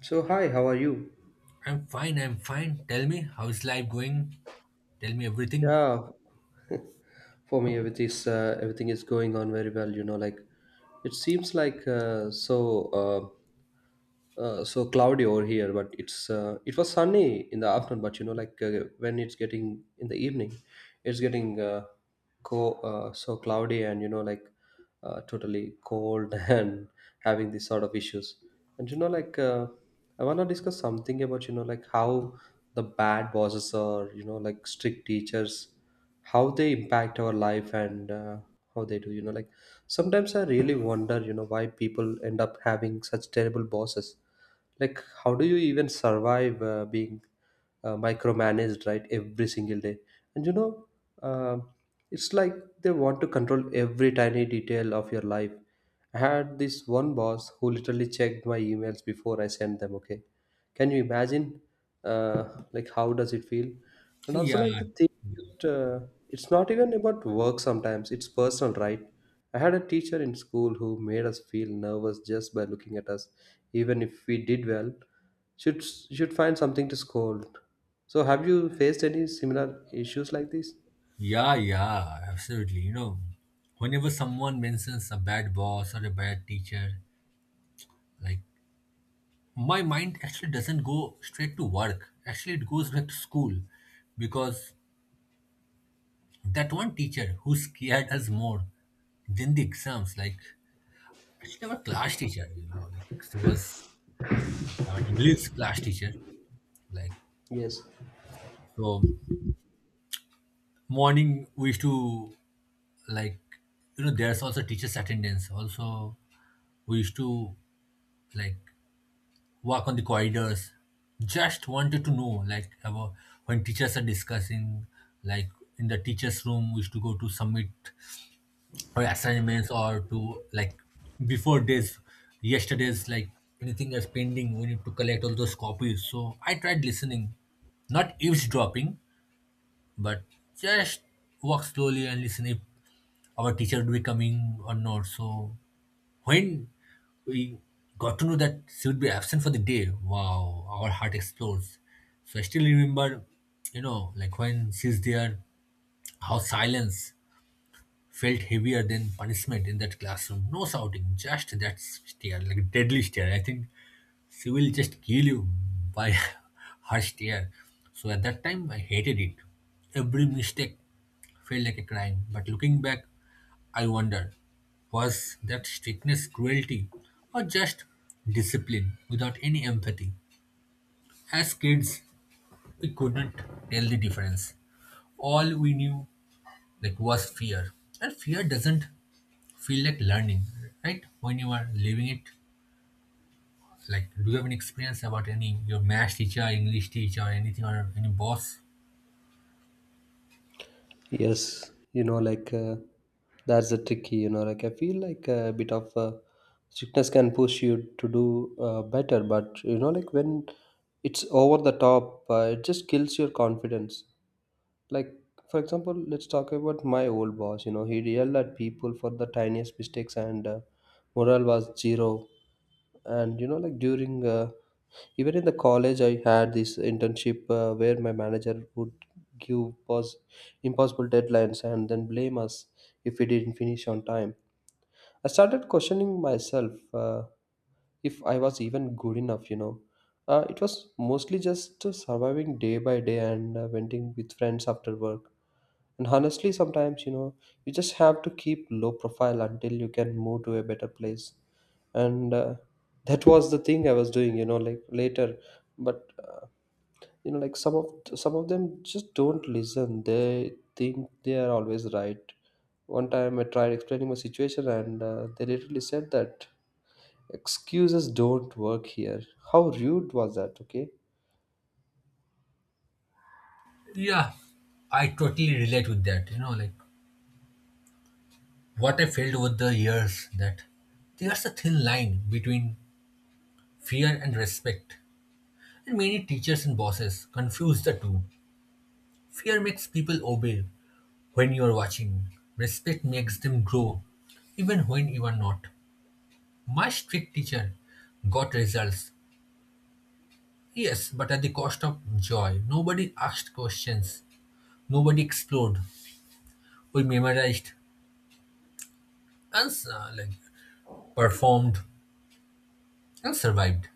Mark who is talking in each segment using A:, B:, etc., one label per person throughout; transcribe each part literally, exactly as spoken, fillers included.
A: So hi, how are you?
B: I'm fine, I'm fine. Tell me, how's life going? Tell me everything.
A: Yeah, for me everything is uh, everything is going on very well. You know, like it seems like uh, so. Uh, Uh, so cloudy over here, but it's uh, it was sunny in the afternoon. But you know, like uh, when it's getting in the evening, it's getting uh, co uh, so cloudy and you know like uh, totally cold and having these sort of issues. And you know, like uh, I wanna discuss something about you know like how the bad bosses or you know like strict teachers, how they impact our life and uh, how they do. You know, like Sometimes I really wonder, you know, why people end up having such terrible bosses. Like, how do you even survive uh, being uh, micromanaged, right, every single day? And you know, uh, it's like they want to control every tiny detail of your life. I had this one boss who literally checked my emails before I sent them. Okay, can you imagine? Uh, like, how does it feel? And also,
B: Yeah,
A: like the thing, that, uh, it's not even about work. Sometimes it's personal, right? I had a teacher in school who made us feel nervous just by looking at us, even if we did well. Should should find something to scold. So, have you faced any similar issues like this?
B: yeah, yeah, absolutely. You know, whenever someone mentions a bad boss or a bad teacher, like my mind actually doesn't go straight to work. Actually, it goes back to school because that one teacher who scared us more than the exams, like actually our class teacher, you know, like she was our English class teacher. Like,
A: Yes,
B: so morning we used to, like, you know, there's also teachers attendance also. We used to, like, walk on the corridors, just wanted to know, like, about when teachers are discussing, like in the teachers room. We used to go to submit our assignments or to, like, before days, yesterday's, like, anything that's pending, we need to collect all those copies. So I tried listening, not eavesdropping, but just walk slowly and listen if our teacher would be coming or not. So when we got to know that she would be absent for the day, wow, our heart explodes. So I still remember, you know, like when she's there, how silence felt heavier than punishment in that classroom. No shouting, just that stare, like a deadly stare. I think she will just kill you by her stare. So at that time, I hated it. Every mistake felt like a crime. But looking back, I wonder, was that strictness cruelty or just discipline without any empathy? As kids, we couldn't tell the difference. All we knew, like, was fear. And fear doesn't feel like learning, right? When you are living it, like, do you have any experience about any your math teacher, English teacher, anything or any boss?
A: yes. You know, like uh, that's the tricky. You know, like I feel like a bit of uh, strictness can push you to do uh, better, but you know, like when it's over the top, uh, it just kills your confidence. Like, for example, let's talk about my old boss. You know, he yelled at people for the tiniest mistakes, and uh, morale was zero. And you know like during uh, even in the college, I had this internship uh, where my manager would give pos- impossible deadlines and then blame us if we didn't finish on time. I started questioning myself, uh, if I was even good enough. You know uh, it was mostly just uh, surviving day by day and uh, venting with friends after work. And honestly, sometimes, you know, you just have to keep low profile until you can move to a better place. And uh, That was the thing I was doing, you know, like later. But uh, you know, like some of some of them just don't listen. They think they are always right. One time I tried explaining my situation, and uh, they literally said that excuses don't work here. How rude was that? Okay.
B: Yeah, I totally relate with that. You know, like what I felt over the years that there's a thin line between fear and respect, and many teachers and bosses confuse the two. Fear makes people obey when you are watching. Respect makes them grow, even when you are not. My strict teacher got results, yes, but at the cost of joy. Nobody asked questions. Nobody explored. We memorized and uh, like performed and survived.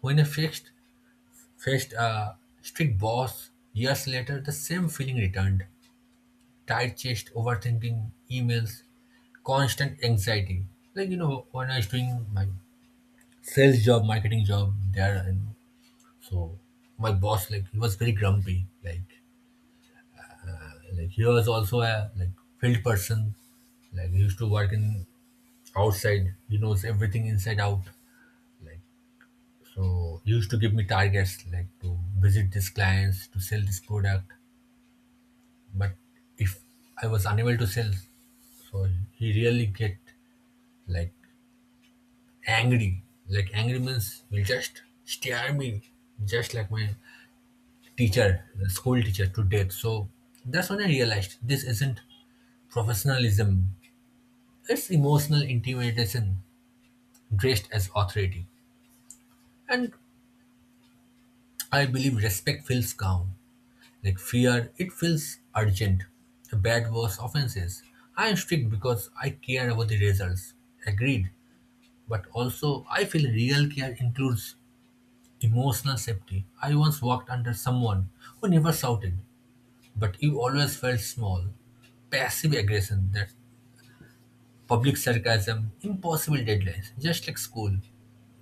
B: When I faced faced a strict boss years later, the same feeling returned: tight chest, overthinking, emails, constant anxiety. Like, you know, when I was doing my sales job, marketing job there, and so my boss, like, he was very grumpy. Like like he was also a, like, field person. Like, he used to work in outside. He knows everything inside out, like. So he used to give me targets, like to visit these clients, to sell this product. But if I was unable to sell, so he really get, like, angry. Like, angry means will just stare me just like my teacher, the school teacher, to death. So that's when I realized this isn't professionalism. It's emotional intimidation dressed as authority. And I believe respect feels calm. Like fear, it feels urgent. Bad was offenses. I am strict because I care about the results. Agreed. But also, I feel real care includes emotional safety. I once walked under someone who never shouted, but you always felt small. Passive aggression, that public sarcasm, impossible deadlines, just like school.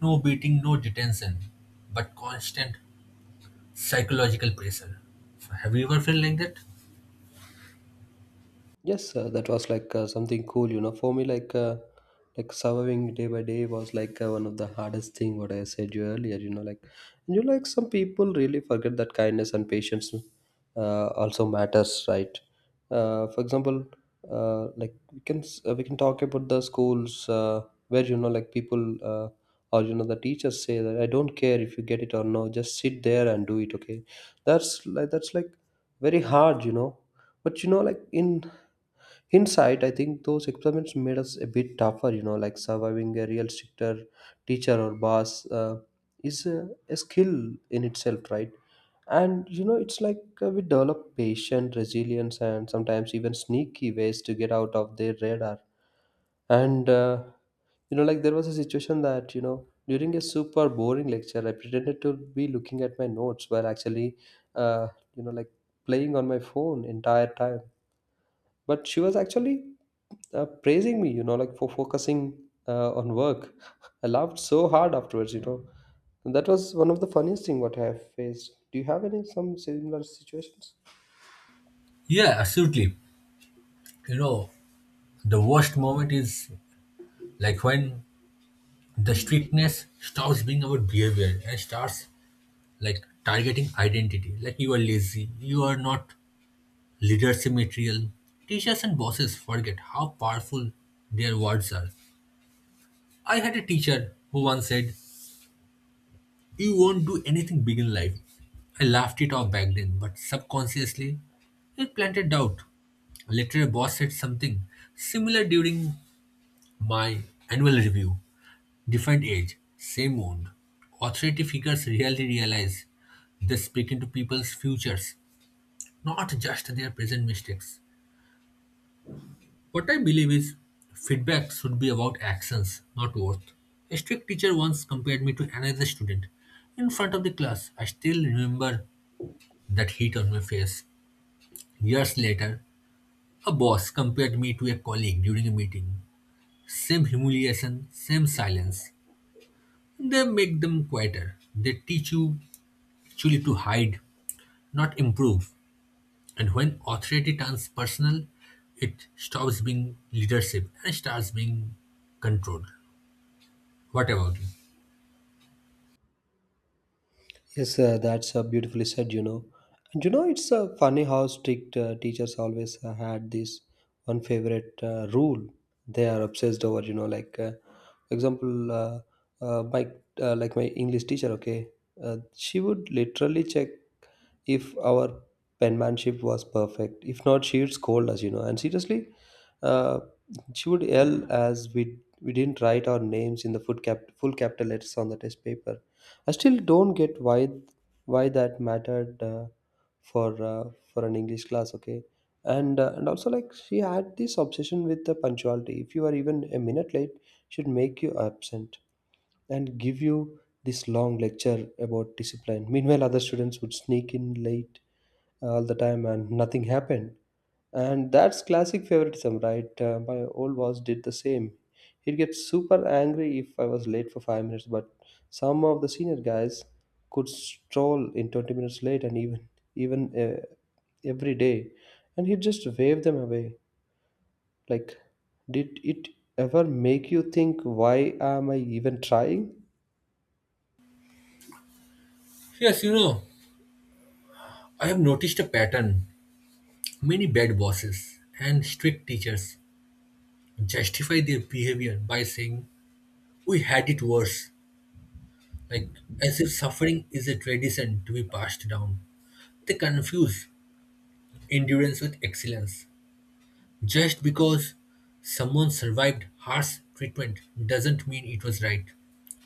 B: No beating, no detention, but constant psychological pressure. Have you ever felt like that?
A: Yes, uh, that was like uh, something cool, you know. For me, like uh, like surviving day by day was like uh, one of the hardest thing. What I said you earlier, you know, like and you like some people really forget that kindness and patience uh, also matters, right? Uh, for example, uh, like we can s- uh, we can talk about the schools uh, where you know like people uh, or you know the teachers say that I don't care if you get it or no, just sit there and do it. Okay, that's like that's like very hard, you know but you know like in inside, I think those experiments made us a bit tougher, you know, like surviving a real stricter teacher or boss uh, is a, a skill in itself, right? And, you know, it's like uh, we develop patience, resilience, and sometimes even sneaky ways to get out of their radar. And, uh, you know, like there was a situation that, you know, during a super boring lecture, I pretended to be looking at my notes while actually, uh, you know, like playing on my phone entire time, but she was actually uh, praising me, you know, like for focusing uh, on work. I laughed so hard afterwards, you know, and that was one of the funniest thing what I have faced. Do you have any some similar situations?
B: Yeah, absolutely. You know, the worst moment is, like, when the strictness stops being about behavior and starts, like, targeting identity. Like, you are lazy, you are not leadership material. Teachers and bosses forget how powerful their words are. I had a teacher who once said, "You won't do anything big in life." I laughed it off back then, but subconsciously, it planted doubt. Later, a boss said something similar during my annual review. Different age, same wound. Authority figures rarely realize they're speaking to people's futures, not just their present mistakes. What I believe is feedback should be about actions, not worth. A strict teacher once compared me to another student. In front of the class, I still remember that heat on my face. Years later, a boss compared me to a colleague during a meeting. Same humiliation, same silence. They make them quieter. They teach you actually to hide, not improve. And when authority turns personal, it stops being leadership and starts being control. What about you?
A: Yes, uh, that's uh, beautifully said, you know. And you know, it's uh, funny how strict uh, teachers always uh, had this one favorite uh, rule they are obsessed over, you know like uh, for example, uh, uh, my uh, like my English teacher, okay. Uh, she would literally check if our penmanship was perfect. If not, she would scold us, you know. And seriously, uh, she would yell as we we didn't write our names in the full cap full capital letters on the test paper. I still don't get why why that mattered uh, for uh, for an English class. Okay, and uh, and also like she had this obsession with the punctuality. If you are even a minute late, she'd make you absent and give you this long lecture about discipline. Meanwhile, other students would sneak in late uh, all the time and nothing happened. And that's classic favoritism, right? Uh, my old boss did the same. He'd get super angry if I was late for five minutes, but some of the senior guys could stroll in twenty minutes late and even even uh, every day, and he'd just wave them away like. Did it ever make you think, why am I even trying?
B: Yes, you know, I have noticed a pattern. Many bad bosses and strict teachers justify their behavior by saying, "We had it worse," like as if suffering is a tradition to be passed down. They confuse endurance with excellence. Just because someone survived harsh treatment doesn't mean it was right.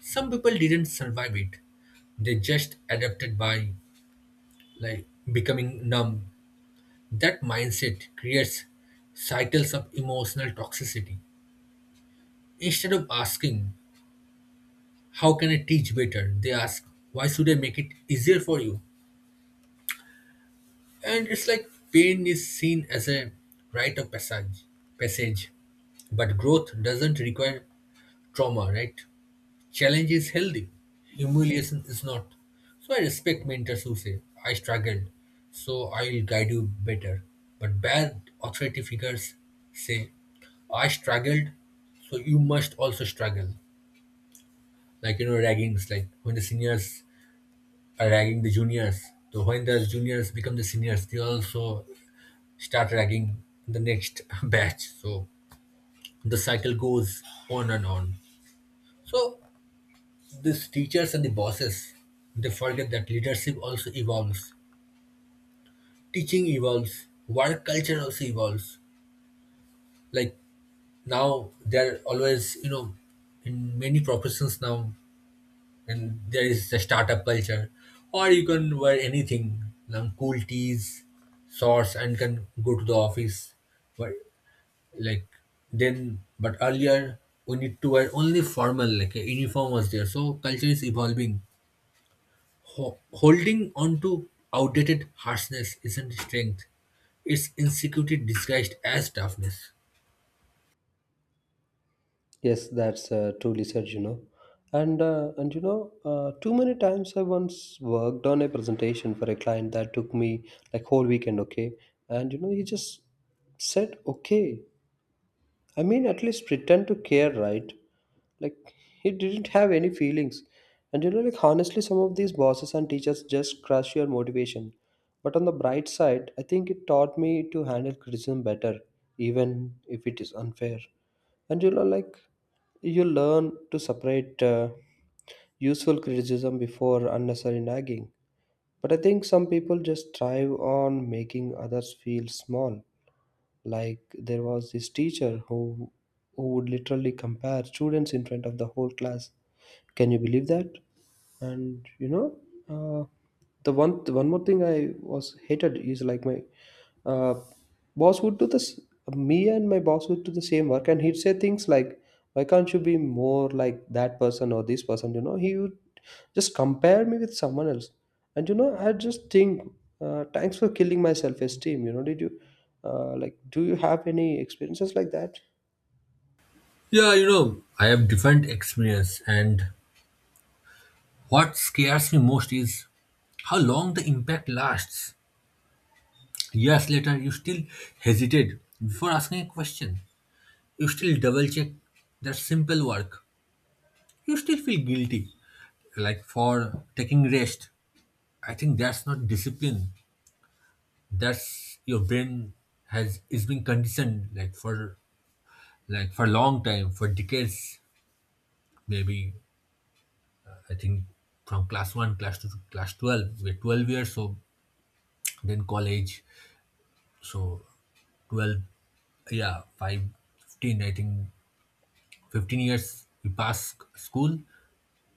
B: Some people didn't survive it. They just adapted by, like, becoming numb. That mindset creates cycles of emotional toxicity. Instead of asking, "How can I teach better?" they ask, "Why should I make it easier for you?" And it's like pain is seen as a rite of passage passage. But growth doesn't require trauma, right? Challenge is healthy, humiliation is not. So I respect mentors who say, "I struggled, so I will guide you better." But bad authority figures say, "I struggled, so you must also struggle." Like, you know, raggings, like when the seniors are ragging the juniors. So when the juniors become the seniors, they also start ragging the next batch. So the cycle goes on and on. So these teachers and the bosses, they forget that leadership also evolves. Teaching evolves. Work culture also evolves. Like, now, there are always, you know, in many professions now, and there is the startup culture, or you can wear anything, like cool tees, shorts, and can go to the office. But, like, then, but earlier we need to wear only formal, like a uniform was there. So culture is evolving. Ho- holding on to outdated harshness isn't strength, it's insecurity disguised as toughness.
A: Yes, that's uh, truly said, you know. And, uh, and you know, uh, too many times. I once worked on a presentation for a client that took me like whole weekend, okay? And, you know, he just said, okay. I mean, at least pretend to care, right? Like, he didn't have any feelings. And you know, like, honestly, some of these bosses and teachers just crush your motivation. But on the bright side, I think it taught me to handle criticism better, even if it is unfair. And you know, like, you learn to separate uh, useful criticism before unnecessary nagging. But I think some people just thrive on making others feel small. Like, there was this teacher who who would literally compare students in front of the whole class. Can you believe that? And you know uh, the one the one more thing I was hated is like my uh, boss would do this. Me and my boss would do the same work and he'd say things like, why can't you be more like that person or this person? You know, he would just compare me with someone else. And you know, I just think, uh, thanks for killing my self-esteem, you know. Did you uh, like do you have any experiences like that?
B: Yeah, you know, I have different experience, and what scares me most is how long the impact lasts. Years later, you still hesitate before asking a question. You still double check that simple work. You still feel guilty, like for taking rest. I think that's not discipline. That's your brain has is being conditioned, like for, like for a long time, for decades, maybe. I think from class one, class two, to class twelve, we're twelve years, so then college, so twelve, yeah, five, fifteen. I think fifteen years we pass school,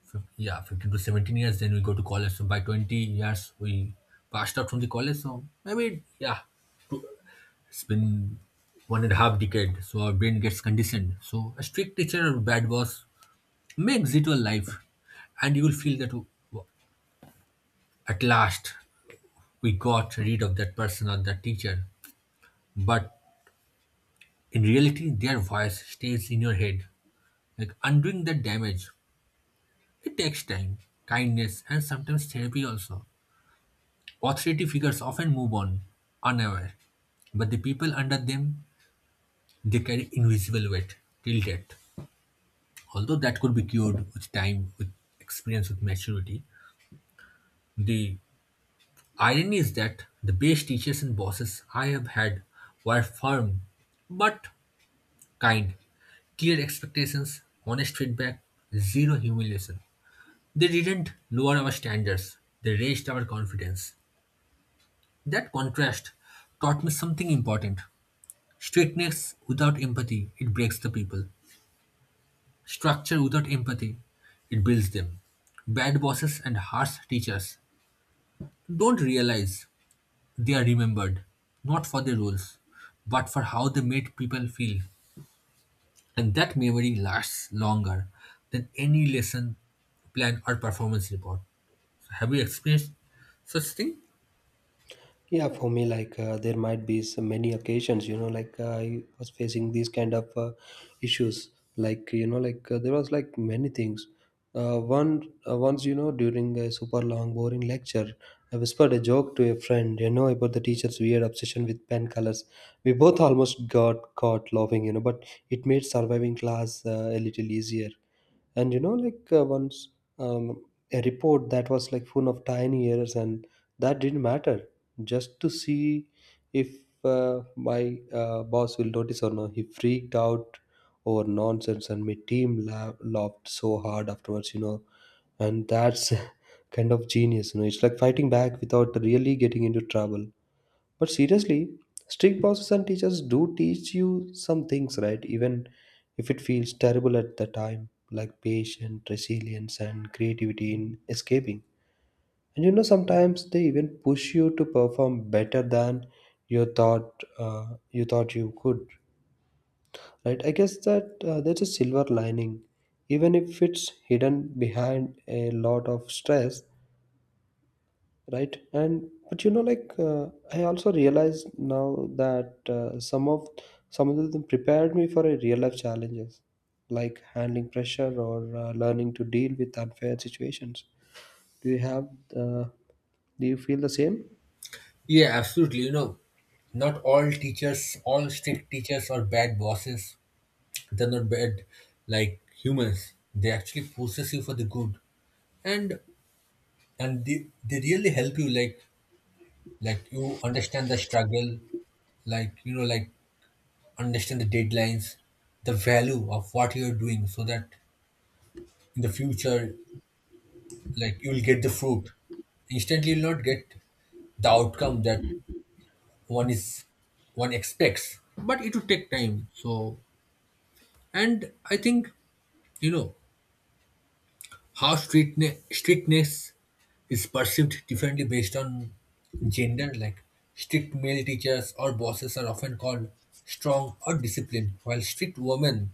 B: fif- yeah, fifteen to seventeen years, then we go to college. So by twenty years we passed out from the college. So maybe, yeah, it's been one and a half decade, so our brain gets conditioned. So a strict teacher or bad boss may exit your life, and you will feel that, at last, we got rid of that person or that teacher. But in reality, their voice stays in your head. Like, undoing that damage, it takes time, kindness, and sometimes therapy also. Authority figures often move on, unaware. But the people under them, they carry invisible weight till death. Although that could be cured with time, with experience, with maturity, the irony is that the best teachers and bosses I have had were firm but kind. Clear expectations, honest feedback, zero humiliation. They didn't lower our standards, they raised our confidence. That contrast taught me something important. Strictness without empathy, it breaks the people. Structure without empathy, it builds them. Bad bosses and harsh teachers don't realize they are remembered, not for their roles, but for how they made people feel. And that memory lasts longer than any lesson plan or performance report. So have you experienced such thing?
A: Yeah, for me, like uh, there might be so many occasions, you know, like uh, I was facing these kind of uh, issues. Like you know, like uh, there was like many things. Uh, one uh, Once, you know, during a super long, boring lecture, I whispered a joke to a friend, you know, about the teacher's weird obsession with pen colors. We both almost got caught laughing, you know, but it made surviving class uh, a little easier. And you know like uh, once, um, a report that was like full of tiny errors and that didn't matter, just to see if uh, my uh, boss will notice or not. He freaked out over nonsense and my team la- laughed so hard afterwards, you know. And that's kind of genius, you know. It's like fighting back without really getting into trouble. But seriously, strict bosses and teachers do teach you some things, right? Even if it feels terrible at the time, like patience, resilience, and creativity in escaping. And you know, sometimes they even push you to perform better than you thought uh, you thought you could, right? I guess that uh, there's a silver lining, even if it's hidden behind a lot of stress. Right. And but you know like uh, I also realized now that uh, some of some of them prepared me for a real life challenges, like handling pressure or uh, learning to deal with unfair situations. Do you have uh, do you feel the same?
B: Yeah, absolutely. You know, not all teachers, all strict teachers or bad bosses. They're not bad, like, humans. They actually possess you for the good. And and they, they really help you, like like you understand the struggle, like, you know, like understand the deadlines, the value of what you're doing, so that in the future, like, you'll get the fruit. Instantly, you'll not get the outcome that one is one expects, but it will take time. So and I think, you know, how strictness, strictness is perceived differently based on gender. Like, strict male teachers or bosses are often called strong or disciplined, while strict women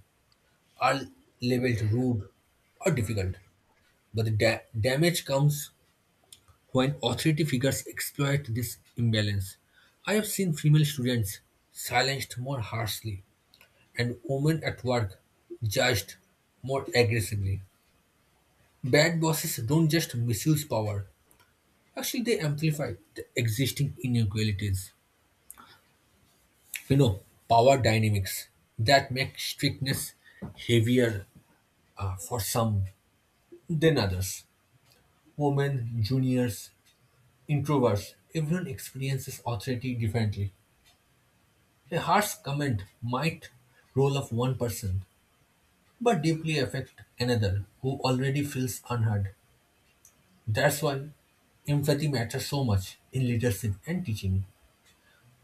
B: are labeled rude or difficult. But the da- damage comes when authority figures exploit this imbalance. I have seen female students silenced more harshly and women at work judged more aggressively. Bad bosses don't just misuse power, actually, they amplify the existing inequalities. You know, power dynamics that make strictness heavier uh, for some than others. Women, juniors, introverts, everyone experiences authority differently. A harsh comment might roll off one person, but deeply affect another who already feels unheard. That's why empathy matters so much in leadership and teaching.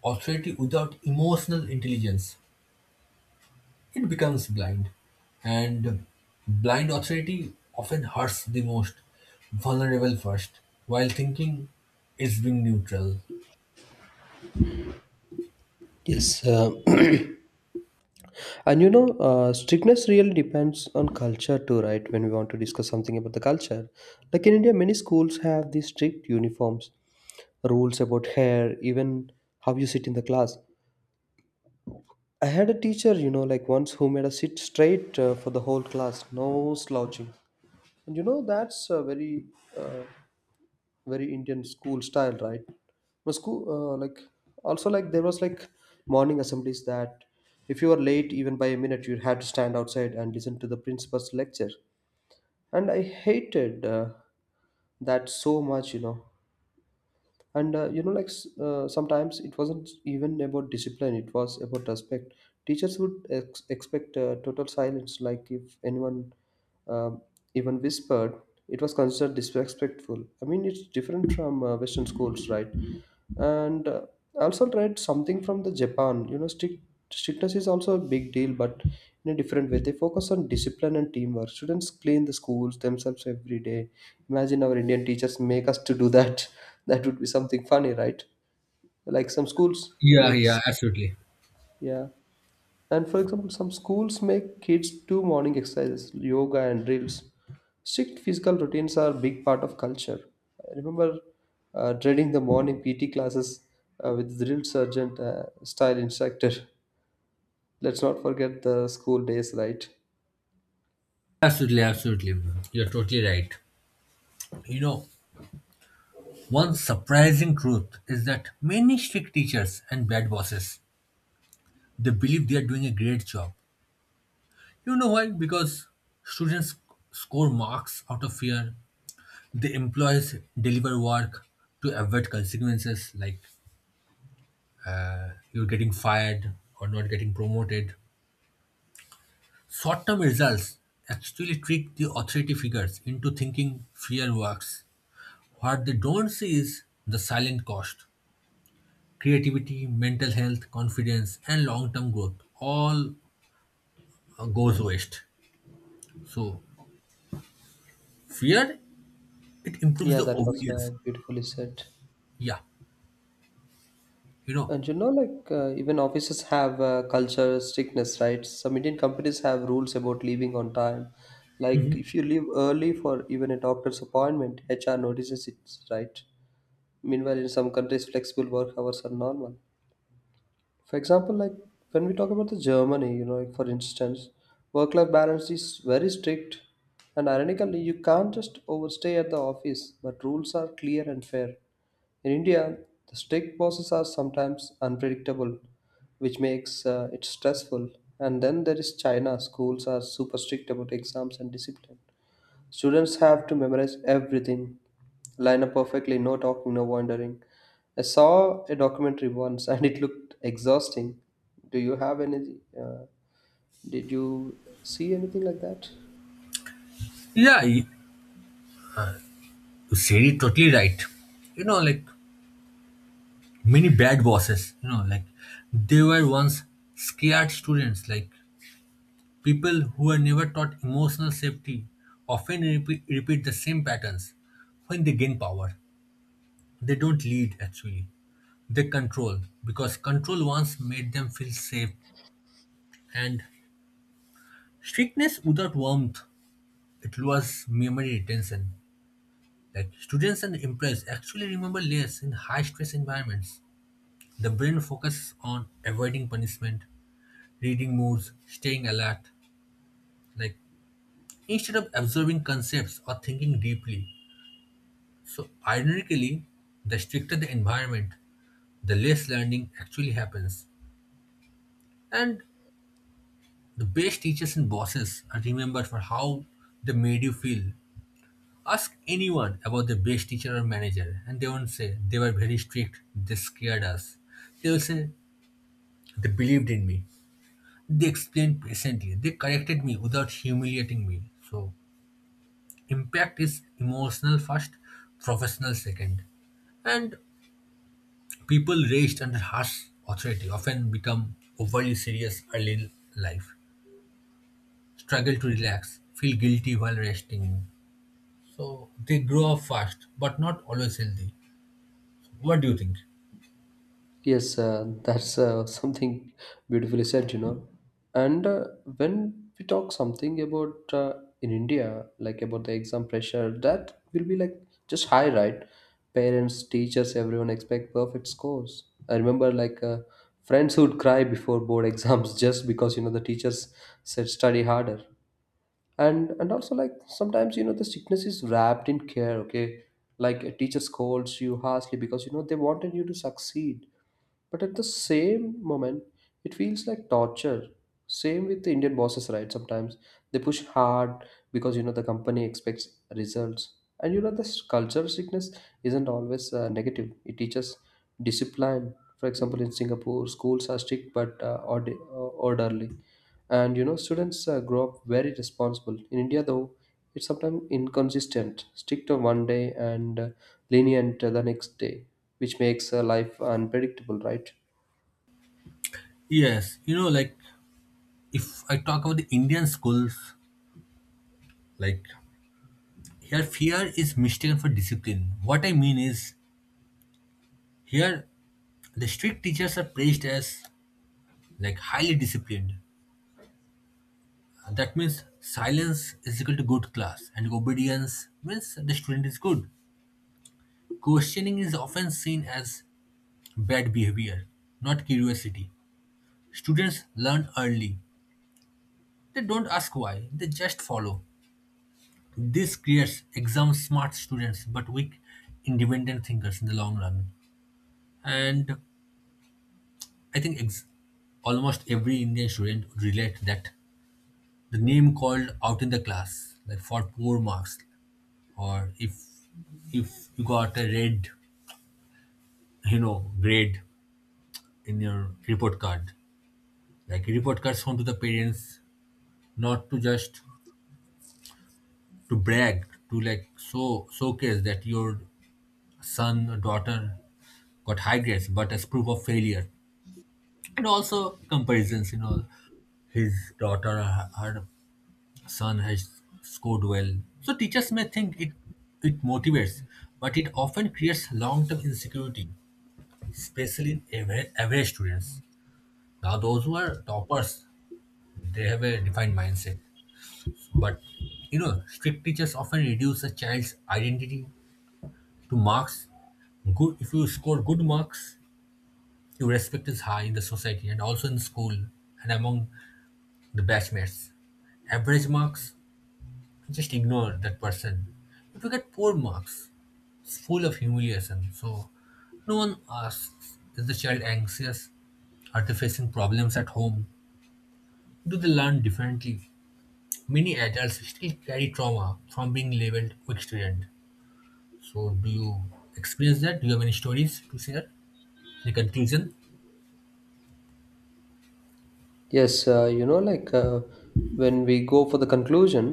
B: Authority without emotional intelligence, it becomes blind. And blind authority often hurts the most, vulnerable first, while thinking it's being neutral.
A: Yes, uh, and you know, uh, strictness really depends on culture too, right? When we want to discuss something about the culture, like in India, many schools have these strict uniforms, rules about hair, even how you sit in the class. I had a teacher, you know, like once who made us sit straight uh, for the whole class, no slouching. And you know, that's a very, uh, very Indian school style, right? My school, uh, like, also like there was like morning assemblies that if you were late even by a minute, you had to stand outside and listen to the principal's lecture. And I hated uh, that so much, you know. And uh, you know like s- uh, sometimes it wasn't even about discipline, it was about respect. Teachers would ex- expect uh, total silence. Like if anyone um even whispered, it was considered disrespectful. I mean, it's different from uh, Western schools, right? And uh, I also tried something from the Japan. You know, strict, strictness is also a big deal, but in a different way. They focus on discipline and teamwork. Students clean the schools themselves every day. Imagine our Indian teachers make us to do that. That would be something funny, right? Like some schools
B: Yeah,
A: makes,
B: yeah, absolutely.
A: yeah. And for example, some schools make kids do morning exercises, yoga, and drills. Strict physical routines are a big part of culture. I remember uh, dreading the morning P T classes uh, with drill sergeant uh, style instructor. Let's not forget the school days, right?
B: Absolutely, absolutely. You're totally right. You know, one surprising truth is that many strict teachers and bad bosses, they believe they are doing a great job. You know why? Because students score marks out of fear. The employees deliver work to avoid consequences like you're getting fired or not getting promoted. Short-term results actually trick the authority figures into thinking fear works. What they don't see is the silent cost: creativity, mental health, confidence, and long-term growth all uh, goes waste. So fear, it improves
A: Yeah,
B: the
A: that was
B: obedience.
A: uh, beautifully said.
B: Yeah, you know.
A: And you know, like uh, even offices have uh, culture strictness, right? Some Indian companies have rules about leaving on time.
B: Mhm.
A: Like if you leave early for even a doctor's appointment, H R notices it, right? Meanwhile, in some countries, flexible work hours are normal. For example, like when we talk about the Germany, you know, like for instance, work-life balance is very strict, and ironically, you can't just overstay at the office, but rules are clear and fair. In India, the strict bosses are sometimes unpredictable, which makes uh, it stressful. And then there is China, schools are super strict about exams and discipline. Students have to memorize everything, line up perfectly, no talking, no wandering. I saw a documentary once and it looked exhausting. Do you have any? Uh, did you see anything like that?
B: Yeah, you you said it totally right. You know, like, many bad bosses, you know, like, they were once scared students. Like people who were never taught emotional safety often repeat, repeat the same patterns when they gain power. They don't lead actually. They control because control once made them feel safe, and strictness without warmth, it lowers memory retention. Like students and employees actually remember less in high stress environments. The brain focuses on avoiding punishment, reading moods, staying alert, like, instead of absorbing concepts or thinking deeply. So ironically, the stricter the environment, the less learning actually happens. And the best teachers and bosses are remembered for how they made you feel. Ask anyone about the best teacher or manager, and they won't say they were very strict, they scared us. They will say they believed in me. They explained patiently. They corrected me without humiliating me. So, impact is emotional first, professional second. And people raised under harsh authority often become overly serious early in life, struggle to relax, feel guilty while resting. So they grow up fast, but not always healthy. What do you think?
A: Yes, uh, that's uh, something beautifully said, you know. And uh, when we talk something about uh, in India, like about the exam pressure, that will be like just high, right? Parents, teachers, everyone expect perfect scores. I remember like uh, friends who'd cry before board exams just because you know the teachers said study harder. And and also like sometimes you know the sickness is wrapped in care. Okay, like a teacher scolds you harshly because you know they wanted you to succeed, but at the same moment, it feels like torture. Same with the Indian bosses, right? Sometimes they push hard because you know the company expects results, and you know this culture sickness isn't always uh, negative. It teaches discipline. For example, in Singapore, schools are strict but uh, ord- uh, orderly, and you know students uh, grow up very responsible. In India, though, it's sometimes inconsistent, strict on one day and uh, lenient uh, the next day, which makes uh, life unpredictable, right?
B: Yes, you know, like, if I talk about the Indian schools, like, here fear is mistaken for discipline. What I mean is, here the strict teachers are praised as like highly disciplined. That means silence is equal to good class and obedience means the student is good. Questioning is often seen as bad behavior, not curiosity. Students learn early. They don't ask why, they just follow. This creates exam smart students but weak independent thinkers in the long run. And I think ex- almost every Indian student would relate that the name called out in the class, like for poor marks, or if if you got a red, you know, grade in your report card, like report cards home to the parents, not to just to brag, to like so showcase that your son or daughter got high grades, but as proof of failure. And also comparisons, you know, his daughter or her her son has scored well. So teachers may think it it motivates, but it often creates long-term insecurity, especially in average, average students. Now those who are toppers, they have a defined mindset. But you know, strict teachers often reduce a child's identity to marks. Good, if you score good marks your respect is high in the society and also in school and among the batchmates. Average marks, just ignore that person. If you get poor marks, it's full of humiliation. So no one asks, is the child anxious? Are they facing problems at home? Do they learn differently? Many adults still carry trauma from being labeled weak student. So do you experience that? Do you have any stories to share? Any conclusion?
A: Yes, uh, you know like uh, when we go for the conclusion,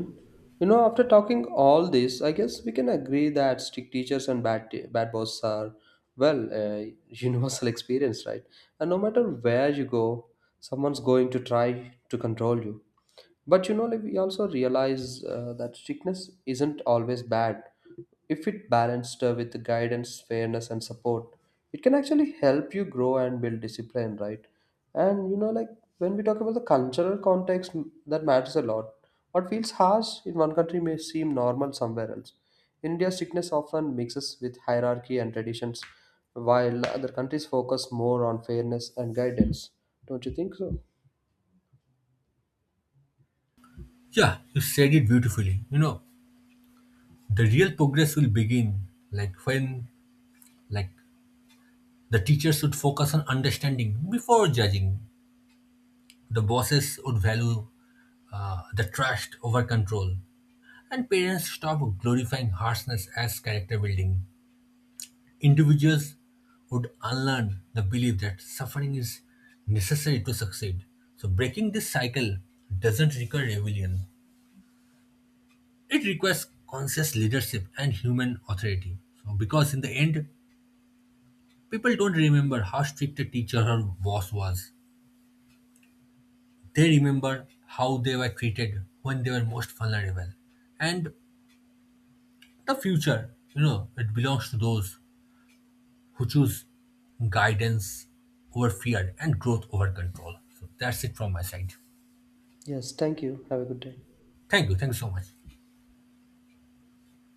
A: you know, after talking all this I guess we can agree that strict teachers and bad t- bad boss are, well, uh, universal experience, right? And no matter where you go, someone's going to try to control you. But you know, like, we also realize uh, that strictness isn't always bad. If it balanced uh, with guidance, fairness, and support, it can actually help you grow and build discipline, right? And you know, like when we talk about the cultural context, m- that matters a lot. What feels harsh in one country may seem normal somewhere else. India's strictness often mixes with hierarchy and traditions, while other countries focus more on fairness and guidance. Don't you think so?
B: Yeah, you said it beautifully. You know, the real progress will begin like when, like, the teacher should focus on understanding before judging. The bosses would value uh, the trust over control, and parents stop glorifying harshness as character building. Individuals would unlearn the belief that suffering is necessary to succeed. So, breaking this cycle doesn't require rebellion, it requires conscious leadership and human authority. So, because in the end, people don't remember how strict a teacher or boss was, they remember how they were treated when they were most vulnerable. And the future, you know, it belongs to those who choose guidance over fear and growth over control. So that's it from my side.
A: Yes, thank you. Have a good day.
B: Thank you. Thank you so much.